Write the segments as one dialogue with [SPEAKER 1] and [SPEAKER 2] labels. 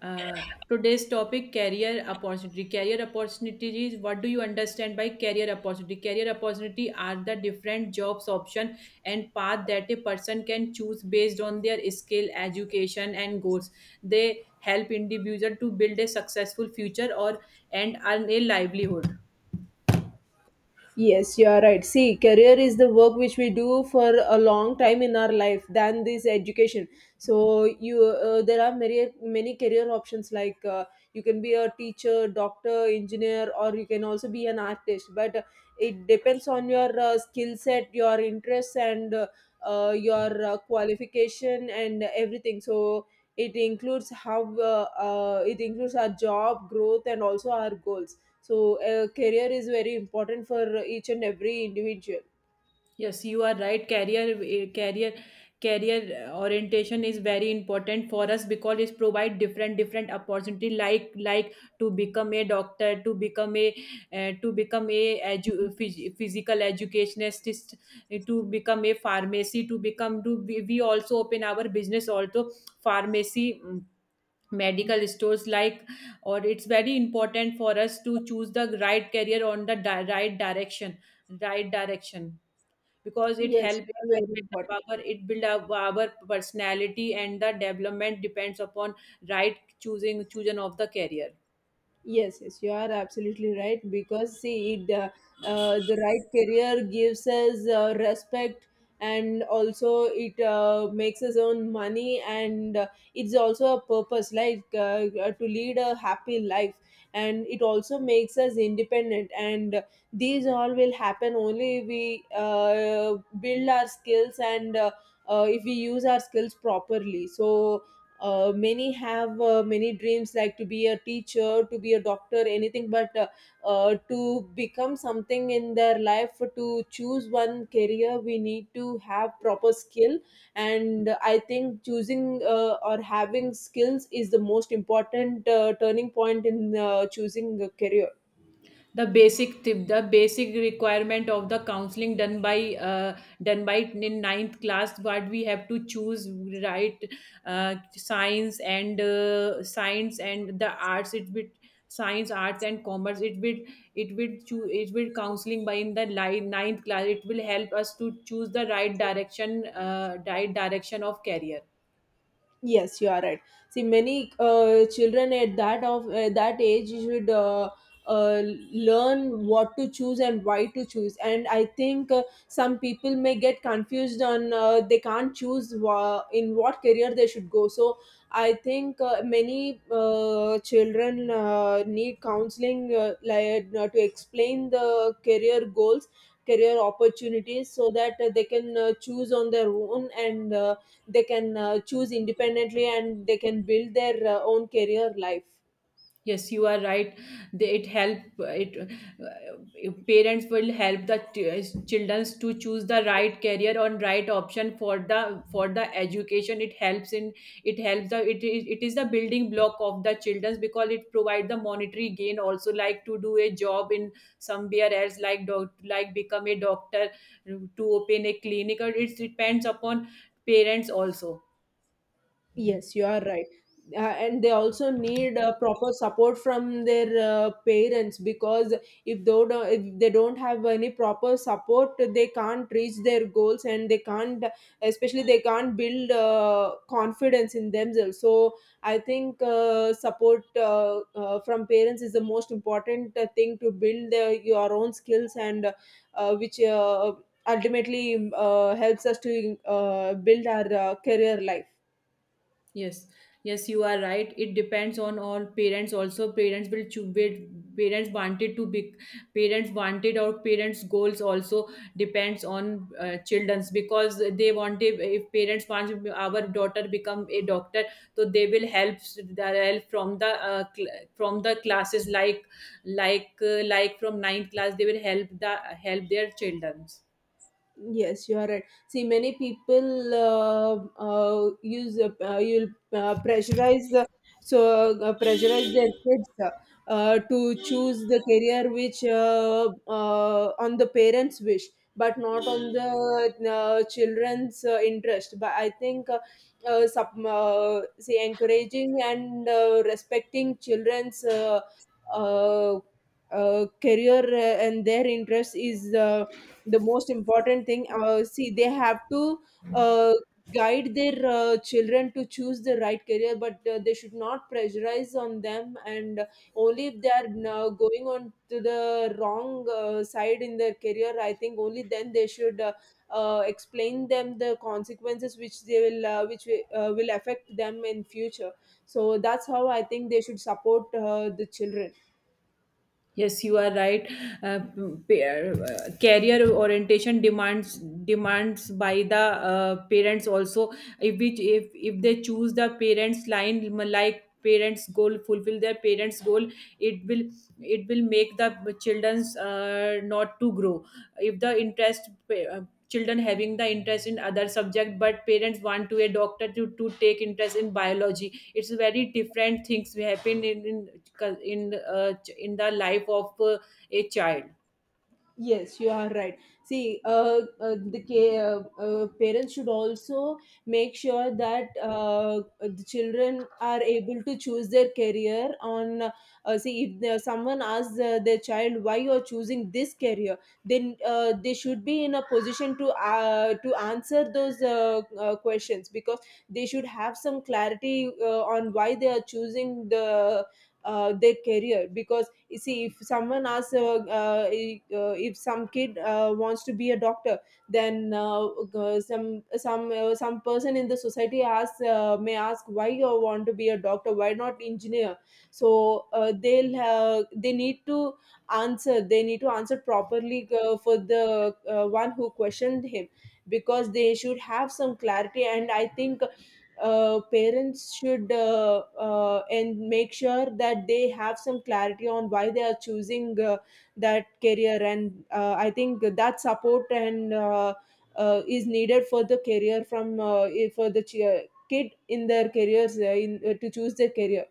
[SPEAKER 1] Uh, today's topic, career opportunity, career opportunities. What do you understand by career opportunity? Career opportunity are the different jobs option and path that a person can choose based on their skill, education and goals. They help individual to build a successful future or and earn a livelihood.
[SPEAKER 2] Yes, you are right. See, career is the work which we do for a long time in our life than this education. So you there are many career options like you can be a teacher, doctor, engineer, or you can also be an artist. But it depends on your skill set, your interests, and your qualification and everything. So it includes how it includes our job growth and also our goals, so a career is very important for each and every individual.
[SPEAKER 1] Yes, you are right. Career orientation is very important for us because it provide different different opportunity like to become a doctor, to become a physical educationist, eh, to become a pharmacy, to become to we also open our business also, pharmacy. Medical stores like, or it's very important for us to choose the right career on the right direction, right direction, because it
[SPEAKER 2] Yes,
[SPEAKER 1] help, it
[SPEAKER 2] very
[SPEAKER 1] build up
[SPEAKER 2] important.
[SPEAKER 1] our, it build up our personality, and the development depends upon right choosing of the career.
[SPEAKER 2] Yes, yes, you are absolutely right because see, the right career gives us respect, and also it makes us own money, and it's also a purpose, like to lead a happy life, and it also makes us independent, and these all will happen only if we build our skills, and if we use our skills properly. So many have many dreams like to be a teacher, to be a doctor, anything, but to become something in their life, to choose one career, we need to have proper skill. And I think choosing or having skills is the most important turning point in choosing a career.
[SPEAKER 1] The basic tip, the basic requirement of the counseling done by done by in ninth class what we have to choose, right, science and science and the arts it with, science, arts and commerce it will, it will it will counseling by in the line, ninth class, it will help us to choose the right direction, right direction of career.
[SPEAKER 2] Yes, you are right. See, many children at that age should uh, learn what to choose and why to choose. And I think some people may get confused on they can't choose in what career they should go. So I think many children need counseling, like to explain the career goals, career opportunities, so that they can choose on their own and. They can choose independently, and they can build their own career life.
[SPEAKER 1] Yes, you are right. They, it help it parents will help the children to choose the right career or right option for the education. It helps in, it helps the, it is, it is the building block of the children because it provide the monetary gain also, like to do a job in somewhere else like doc, like become a doctor, to open a clinic, or it depends upon parents also.
[SPEAKER 2] Yes, you are right. And they also need proper support from their parents, because if they don't have any proper support, they can't reach their goals, and they can't, especially they can't build confidence in themselves. So I think support from parents is the most important thing to build your own skills, and which ultimately helps us to build our career life.
[SPEAKER 1] Yes, yes, you are right. It depends on all parents. Also, parents will choose. Parents wanted to be. Parents wanted, or parents' goals also depends on childrens, because they wanted. If parents want our daughter become a doctor, so they will help the help from the from the classes like, like from ninth class. They will help the, help their childrens.
[SPEAKER 2] Yes, you are right. See, many people use you'll pressurize, pressurize their kids, to choose the career which on the parents' wish, but not on the children's interest. But I think see, encouraging and respecting children's uh, career and their interests is the most important thing. See, they have to uh, guide their children to choose the right career, but they should not pressurize on them, and only if they are going on to the wrong side in their career, I think only then they should explain them the consequences which they will which wi- will affect them in future. So that's how I think they should support the children.
[SPEAKER 1] Yes, you are right. Uh, Career orientation demands, demands by the parents also. If which, if they choose the parents line, like parents goal, fulfill their parents goal, it will, it will make the children's not to grow. If the children having the interest in other subject but parents want to a doctor to take interest in biology, it's very different things we happen in cul- in the, ch- in the life of a child.
[SPEAKER 2] Yes, you are right. See, parents should also make sure that the children are able to choose their career. On See, if someone asks their child, why you are choosing this career, then they should be in a position to answer those questions, because they should have some clarity on why they are choosing the their career. Because you see, if someone asks if some kid wants to be a doctor, then uh, some some person in the society asks, may ask, why you want to be a doctor, why not engineer? So they need to answer they need to answer properly for the one who questioned him, because they should have some clarity. And I think parents should and make sure that they have some clarity on why they are choosing that career. And I think that support and is needed for the career from for the kid in their careers, to choose their career.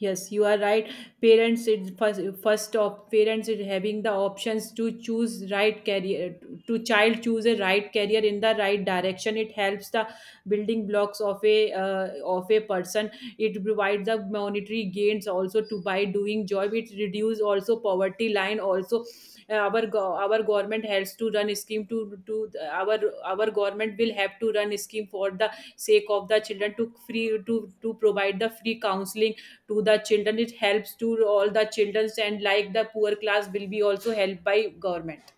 [SPEAKER 1] Yes, you are right. Parents, it first, first of parents, it having the options to choose right career, to child choose a right career in the right direction. It helps the building blocks of a person. It provides the monetary gains also to by doing job. It reduce also poverty line also. Our government has to run a scheme to our our government will have to run a scheme for the sake of the children, to free to provide the free counseling to the children. It helps to all the children, and like the poor class will be also helped by government.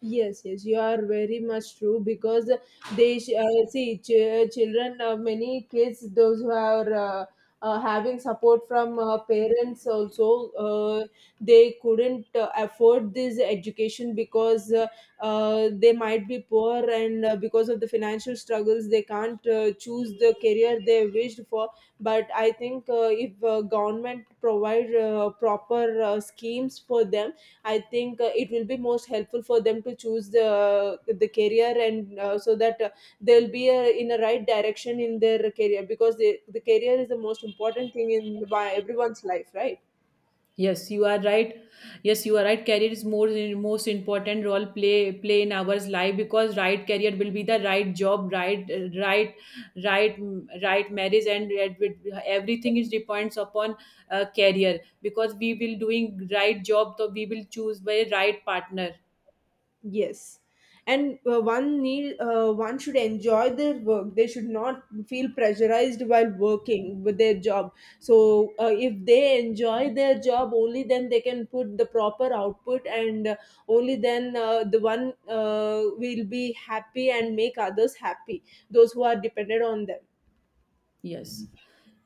[SPEAKER 2] Yes, yes, you are very much true, because see, children, many kids, those who are having support from parents also, they couldn't afford this education, because they might be poor, and because of the financial struggles, they can't choose the career they wished for. But I think if government provide proper schemes for them, I think it will be most helpful for them to choose the career, and so that they'll be in a right direction in their career, because the career is the most important thing in by everyone's life, right?
[SPEAKER 1] Yes, you are right. Yes, you are right. Career is more, most important role play, play in our life, because right career will be the right job, right, right, right, right marriage and everything is depends upon career, because we will doing right job, so we will choose by right partner.
[SPEAKER 2] Yes, and one should enjoy their work. They should not feel pressurized while working with their job. So if they enjoy their job, only then they can put the proper output, and only then the one will be happy and make others happy. Those who are dependent on them.
[SPEAKER 1] Yes,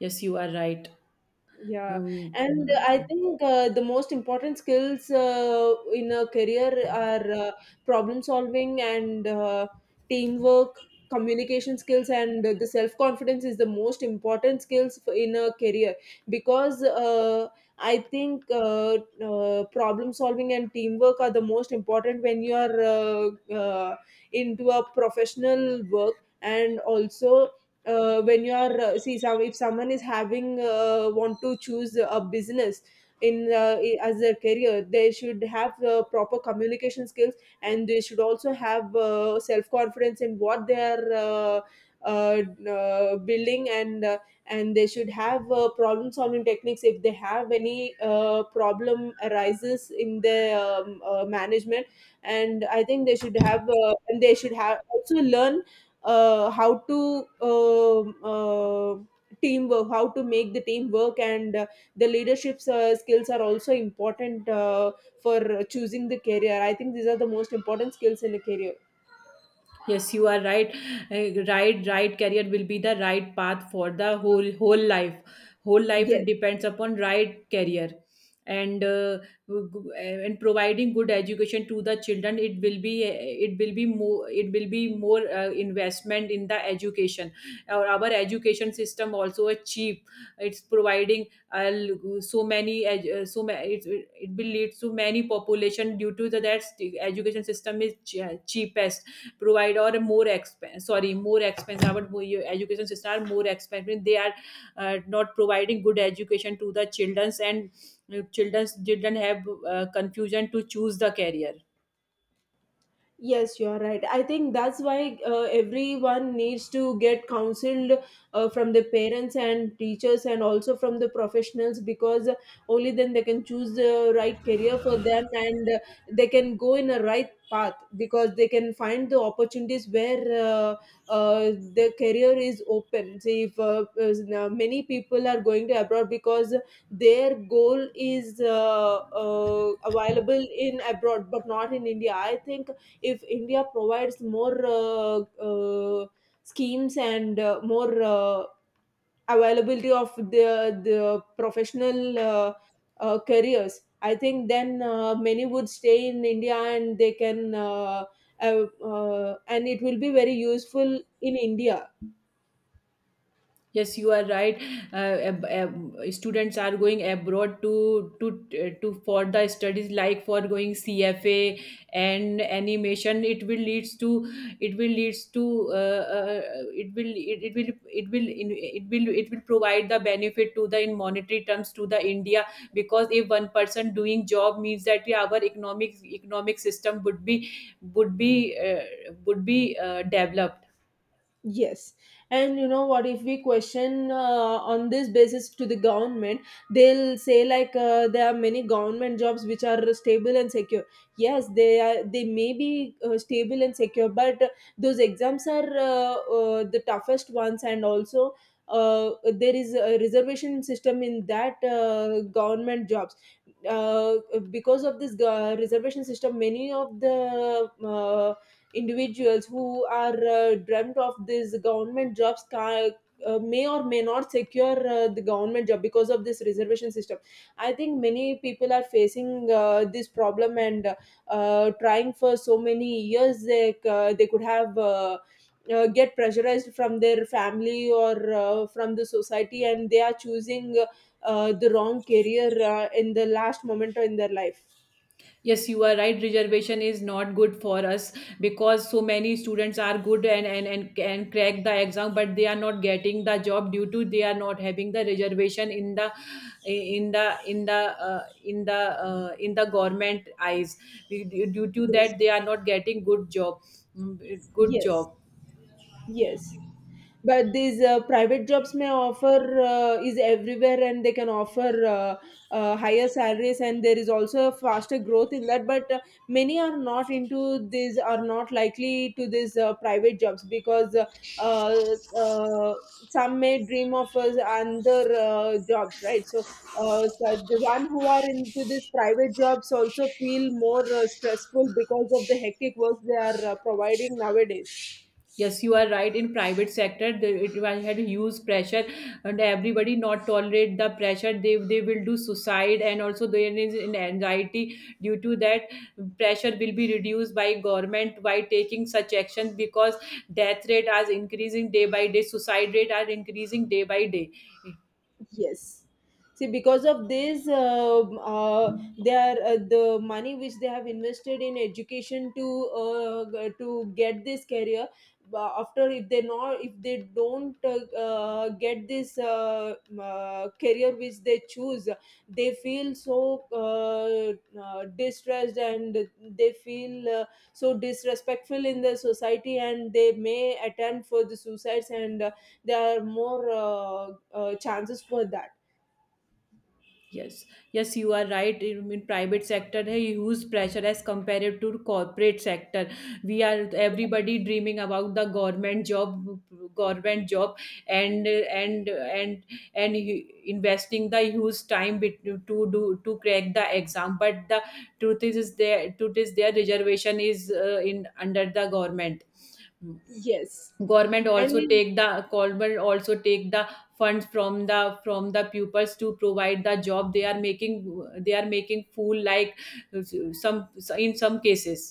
[SPEAKER 1] yes, you are right.
[SPEAKER 2] Yeah, and I
[SPEAKER 1] Um,
[SPEAKER 2] think the most important skills in a career are problem solving and teamwork, communication skills, and the self confidence is the most important skills in a career. Because I think problem solving and teamwork are the most important when you are uh, uh, into a professional work, and also when you are see, some, if someone is having want to choose a business in as their career, they should have proper communication skills, and they should also have self confidence in what they are uh, building, and they should have problem solving techniques if they have any problem arises in their management. And I think they should have and they should have also learn how to teamwork, how to make the team work, and the leadership skills are also important for choosing the career. I think these are the most important skills in a career.
[SPEAKER 1] yes, you are right. Right career will be the right path for the whole whole life. Whole life
[SPEAKER 2] Yes.
[SPEAKER 1] it depends upon right career, and and providing good education to the children. It will be, it will be more, it will be more investment in the education. Our education system also is cheap. It's providing, so many so it, it it will lead to many population due to the that education system is cheapest provide, or more expense, sorry, more expensive. Your education system are more expensive, they are not providing good education to the childrens, and childrens didn't have confusion to choose the career.
[SPEAKER 2] Yes, you are right. I think that's why everyone needs to get counseled from the parents and teachers, and also from the professionals, because only then they can choose the right career for them, and they can go in a right path, because they can find the opportunities where uh, the career is open. See, if is- now many people are going to abroad because their goal is available in abroad, but not in India. I think if India provides more uh, schemes and more availability of the professional careers, I think then many would stay in India, and they can. And it will be very useful in India.
[SPEAKER 1] Yes, you are right. Students are going abroad to for the studies, like for going CFA and animation. It will leads to, it will leads to uh, uh, it will it, it will it will in, it will, it will provide the benefit to the in monetary terms to the India, because if one person doing job means that we, our economic system would be, would be uh, would be developed.
[SPEAKER 2] Yes, and you know what? If we question on this basis to the government, they'll say like there are many government jobs which are stable and secure. Yes, they are. They may be stable and secure, but those exams are the toughest ones, and also there is a reservation system in that government jobs. Uh, because of this reservation system, many of the individuals who are dreamt of these government jobs may or may not secure the government job because of this reservation system. I think many people are facing this problem, and trying for so many years, they could have get pressurized from their family, or from the society, and they are choosing the wrong career in the last moment in their life.
[SPEAKER 1] Yes, you are right. Reservation is not good for us because so many students are good, and and can crack the exam, but they are not getting the job due to they are not having the reservation in the, in the, in the, uh, in the in the government eyes. Due, due to
[SPEAKER 2] Yes,
[SPEAKER 1] that they are not getting good job, good
[SPEAKER 2] yes,
[SPEAKER 1] job.
[SPEAKER 2] yes. But these private jobs may offer is everywhere, and they can offer higher salaries, and there is also a faster growth in that, but many are not into this, are not likely to these private jobs, because uh, some may dream of other jobs, right? So so the one who are into these private jobs also feel more stressful because of the hectic work they are providing nowadays.
[SPEAKER 1] Yes, you are right. In private sector, they, it was had huge pressure, and everybody not tolerate the pressure. They will do suicide, and also there is an anxiety due to that. Pressure will be reduced by government by taking such actions, because death rate is increasing day by day. Suicide rate are increasing day by day.
[SPEAKER 2] Yes. See, because of this, the money which they have invested in education to to get this career. After if they don't get this career which they choose, they feel so distressed, and they feel so disrespectful in the society, and they may attempt for the suicides, and there are more chances for that.
[SPEAKER 1] Yes, yes, you are right. In private sector, है huge pressure as compared to corporate sector. We are everybody dreaming about the government job, and, and and and investing the huge time to do to crack the exam. But the truth is there, truth is their reservation is in under the government. Hmm.
[SPEAKER 2] Yes
[SPEAKER 1] Government
[SPEAKER 2] and
[SPEAKER 1] also
[SPEAKER 2] it,
[SPEAKER 1] take the, government also take the funds from the pupils to provide the job. They are making, they are making fool like uh, some, in some cases.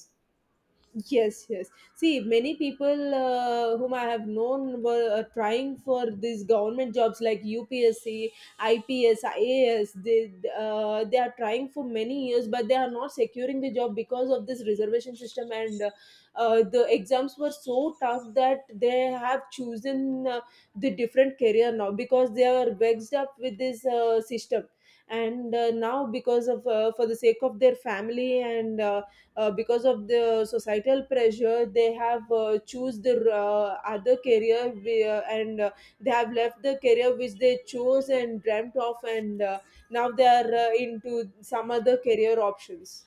[SPEAKER 2] yes, yes. See, many people whom I have known were trying for these government jobs like UPSC, IPS, IAS. They are trying for many years, but they are not securing the job because of this reservation system. And the exams were so tough that they have chosen the different career now because they are vexed up with this system. And now, because of for the sake of their family and because of the societal pressure, they have choose the other career where, and they have left the career which they chose and dreamt of, and now they are into some other career options.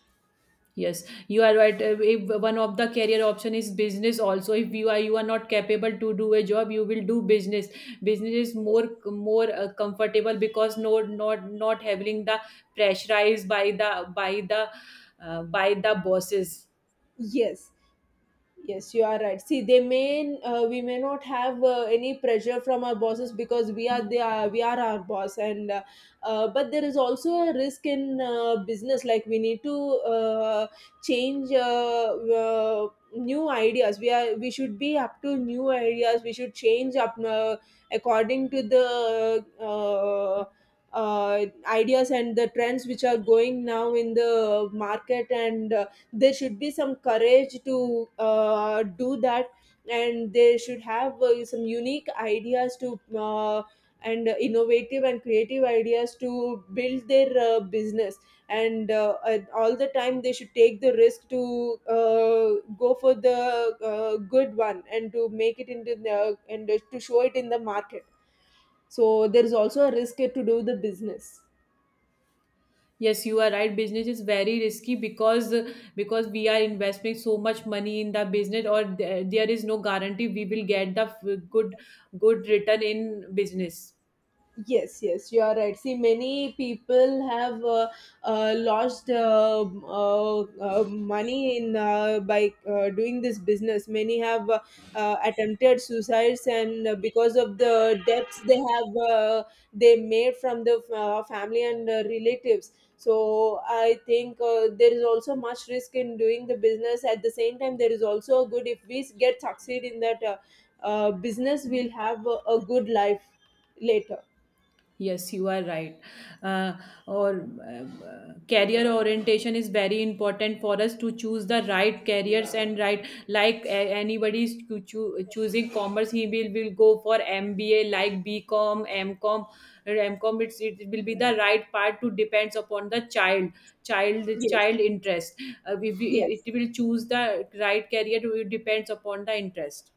[SPEAKER 1] Yes, you are right. If one of the career option is business also, if you are, you are not capable to do a job, you will do business. Business is more, more comfortable because no, not, not having the pressurized by the by the by the bosses.
[SPEAKER 2] Yes, yes, you are right. See, they may we may not have any pressure from our bosses because we are they are we are our boss, and but there is also a risk in business. Like, we need to uh, change new ideas. We should be up to new ideas. We should change up according to the. Ideas and the trends which are going now in the market, and there should be some courage to do that, and they should have some unique ideas to and innovative and creative ideas to build their business, and all the time they should take the risk to go for the good one, and to make it into the, and to show it in the market. So there is also a risk to do the business.
[SPEAKER 1] Yes, you are right. Business is very risky, because we are investing so much money in the business, or there is no guarantee we will get the good, good return in business.
[SPEAKER 2] Yes, yes, you are right. See, many people have lost money in by doing this business. Many have attempted suicides, and because of the debts they have, they made from the family and relatives. So I think there is also much risk in doing the business. At the same time, there is also a good if we get succeed in that business, we'll have a good life later.
[SPEAKER 1] Yes, you are right. Uh, or Career orientation is very important for us to choose the right careers and right, like anybody is choosing commerce, he will go for MBA like BCom, MCom, MCom. It's, it will be the right part to depends upon the child, child,
[SPEAKER 2] Yes,
[SPEAKER 1] child interest. We,
[SPEAKER 2] yes.
[SPEAKER 1] it, it will choose the right career. It depends upon the interest.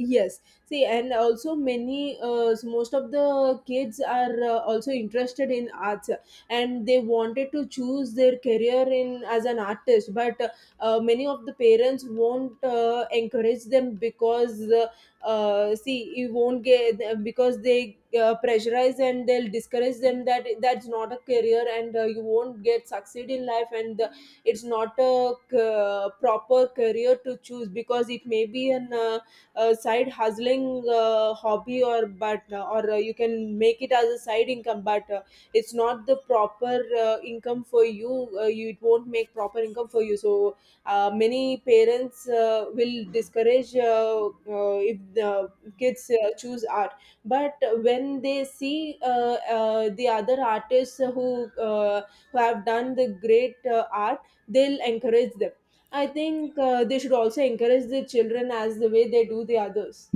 [SPEAKER 2] Yes, see, and also many, most of the kids are also interested in arts, and they wanted to choose their career in as an artist. But many of the parents won't encourage them because, see, you won't get because they pressurize, and they'll discourage them that that's not a career, and you won't get succeed in life, and it's not a proper career to choose because it may be an side hustling hobby, or but or you can make it as a side income, but it's not the proper income for you, you it won't make proper income for you. So many parents will discourage if the kids choose art, but when they see the other artists who have done the great art, they'll encourage them. I think they should also encourage the children as the way they do the others.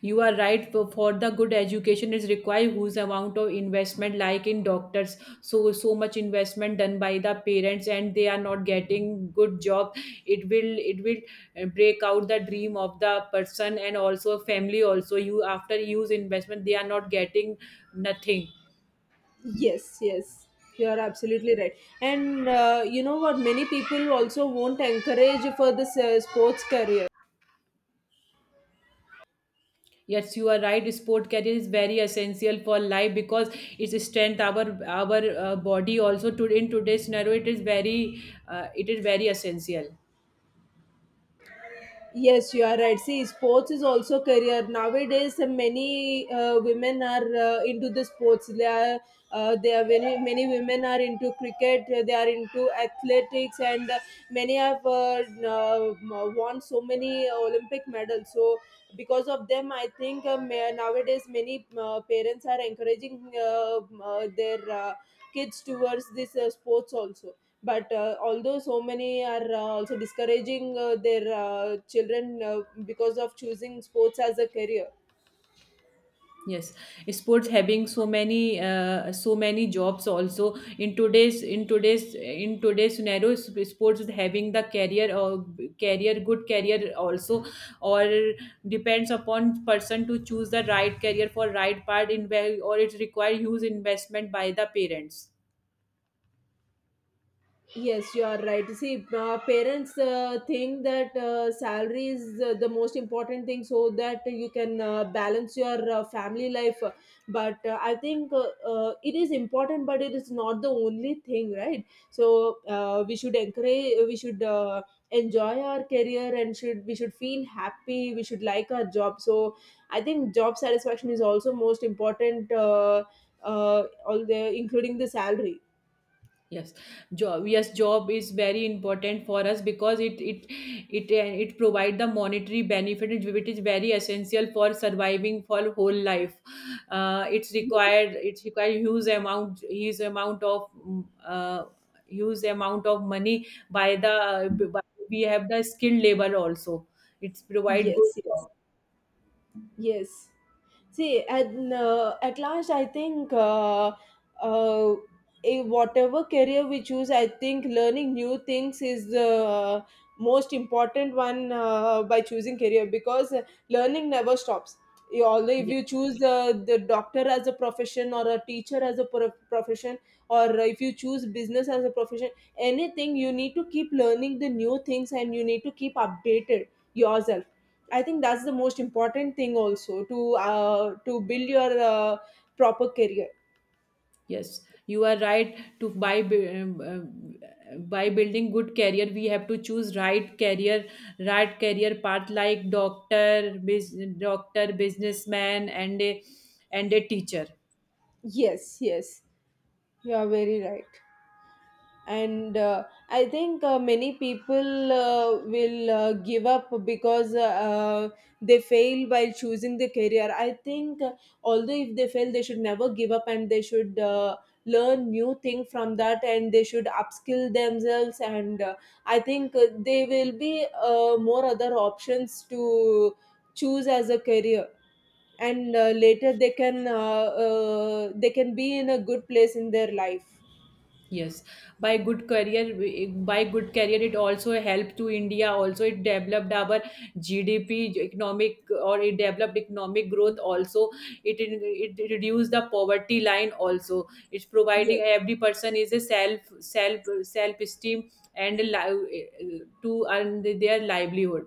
[SPEAKER 1] You are right. For the good education is required, whose amount of investment, like in doctors, so so much investment done by the parents, and they are not getting good job. It will, it will break out the dream of the person and also family. Also, you after use investment, they are not getting nothing.
[SPEAKER 2] Yes, yes, you are absolutely right. And you know what? Many people also won't encourage for this sports career.
[SPEAKER 1] Yes, you are right. Sport career is very essential for life, because it's strength our body also. To in today's scenario, it is very essential.
[SPEAKER 2] Yes, you are right. See, sports is also career. Nowadays, many women are into the sports. They are, many, many women are into cricket. They are into athletics, and many have won so many Olympic medals. So, because of them, I think nowadays many parents are encouraging their kids towards this sports also, but although so many are also discouraging their children because of choosing sports as a career.
[SPEAKER 1] Yes, sports having so many so many jobs also in today's, in today's, in today's scenario, sports is having the career or career, good career also, or depends upon person to choose the right career for right part in where, or it require huge investment by the parents.
[SPEAKER 2] Yes, you are right. See, parents think that salary is the most important thing, so that you can balance your family life. But I think it is important, but it is not the only thing, right? So we should encourage, we should enjoy our career, and should we should feel happy. We should like our job. So I think job satisfaction is also most important, all the including the salary.
[SPEAKER 1] Yes, job. Yes, job is very important for us because it it provide the monetary benefit, which is very essential for surviving for whole life. It's required. It's required huge amount, huge amount of huge amount of money by the by, we have the skilled labor also. It's provide good
[SPEAKER 2] Yes, yes.
[SPEAKER 1] job.
[SPEAKER 2] Yes. See, at last, I think uh, whatever career we choose, I think learning new things is the most important one by choosing career, because learning never stops. You, although if
[SPEAKER 1] Yes.
[SPEAKER 2] you choose the doctor as a profession, or a teacher as a profession, or if you choose business as a profession, anything, you need to keep learning the new things, and you need to keep updated yourself. I think that's the most important thing also, to build your proper career.
[SPEAKER 1] Yes, you are right. To buy, by building good career, we have to choose right career path like doctor, doctor, businessman, and a teacher.
[SPEAKER 2] Yes, yes, you are very right. And I think many people will give up because they fail while choosing the career. I think although if they fail, they should never give up, and they should learn new thing from that, and they should upskill themselves, and I think they will be more other options to choose as a career, and later they can be in a good place in their life.
[SPEAKER 1] Yes, by good career, by good career, it also helped to India. Also, it developed our GDP, economic, or it developed economic growth. Also, it reduced the poverty line. Also, it's providing
[SPEAKER 2] Yes.
[SPEAKER 1] every person is a self, self, self esteem and to earn their livelihood.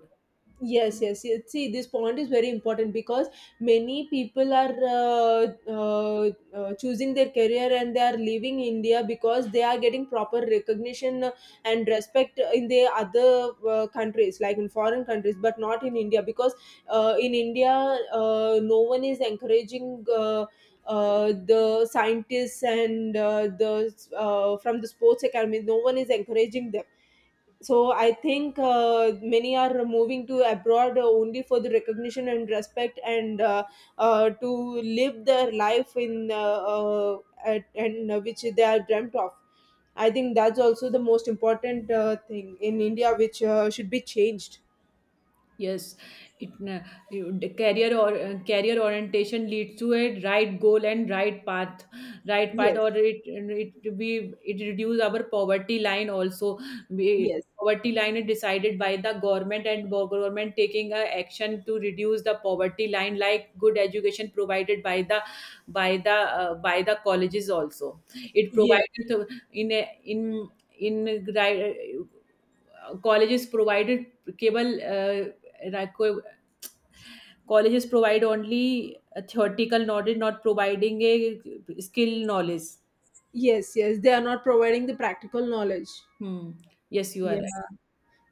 [SPEAKER 2] Yes, yes, yes. See, this point is very important because many people are choosing their career and they are leaving India because they are getting proper recognition and respect in the other countries, like in foreign countries, but not in India. Because in India, no one is encouraging. The scientists and the from the sports academy, no one is encouraging them. So I think many are moving to abroad only for the recognition and respect, and to live their life in at, and which they are dreamt of. I think that's also the most important thing in India which should be changed.
[SPEAKER 1] Yes, it you- the career or career orientation leads to a right goal and right path,
[SPEAKER 2] Yes,
[SPEAKER 1] or it we it reduce our poverty line also. We,
[SPEAKER 2] yes,
[SPEAKER 1] poverty line is decided by the government, and government taking a action to reduce the poverty line, like good education provided by the by the by the colleges also. It
[SPEAKER 2] yes,
[SPEAKER 1] provided in a, in in right, colleges provided cable. Like co- Colleges provide only a theoretical knowledge, not providing a skill knowledge.
[SPEAKER 2] yes, yes, they are not providing the practical knowledge.
[SPEAKER 1] Hmm. Yes, you are right.
[SPEAKER 2] Yeah.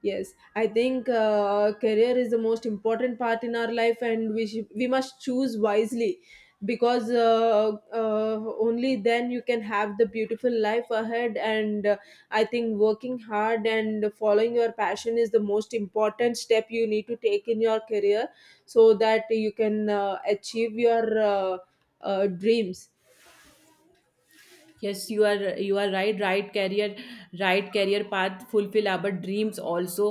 [SPEAKER 2] Yes, I think career is the most important part in our life, and we must choose wisely, because only then you can have the beautiful life ahead. And I think working hard and following your passion is the most important step you need to take in your career, so that you can achieve your dreams.
[SPEAKER 1] Yes, you are, you are right. Right career, right career path fulfill our dreams also,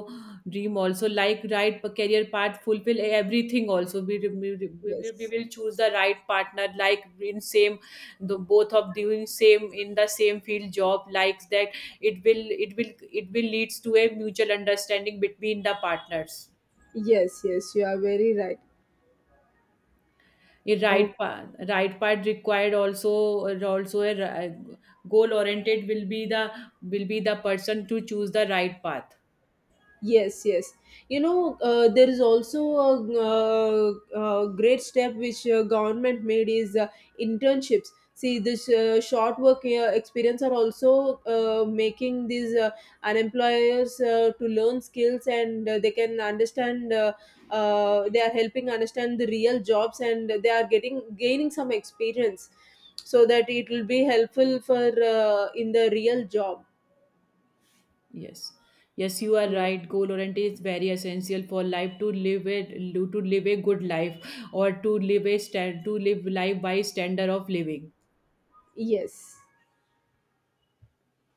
[SPEAKER 1] dream also, like right career path fulfill everything also, we
[SPEAKER 2] Yes,
[SPEAKER 1] will choose the right partner, like in same, the both of doing same in the same field job likes that, it will, it will, it will leads to a mutual understanding between the partners.
[SPEAKER 2] yes, yes, you are very right.
[SPEAKER 1] A
[SPEAKER 2] Okay.
[SPEAKER 1] right part required also, also a goal oriented will be the, will be the person to choose the right path.
[SPEAKER 2] Yes, yes. You know, there is also a, great step which government made is internships. See, this short work experience are also making these unemployers to learn skills, and they can understand. They are helping understand the real jobs, and they are getting gaining some experience, so that it will be helpful for in the real job.
[SPEAKER 1] Yes, yes, you are
[SPEAKER 2] Yeah.
[SPEAKER 1] right. Goal oriented is very essential for life to live a, to live a good life, or to live a stand to live life by standard of living.
[SPEAKER 2] Yes.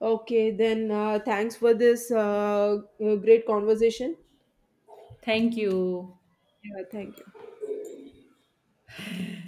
[SPEAKER 2] Okay, then thanks for this great conversation.
[SPEAKER 1] Thank you.
[SPEAKER 2] Yeah, thank you.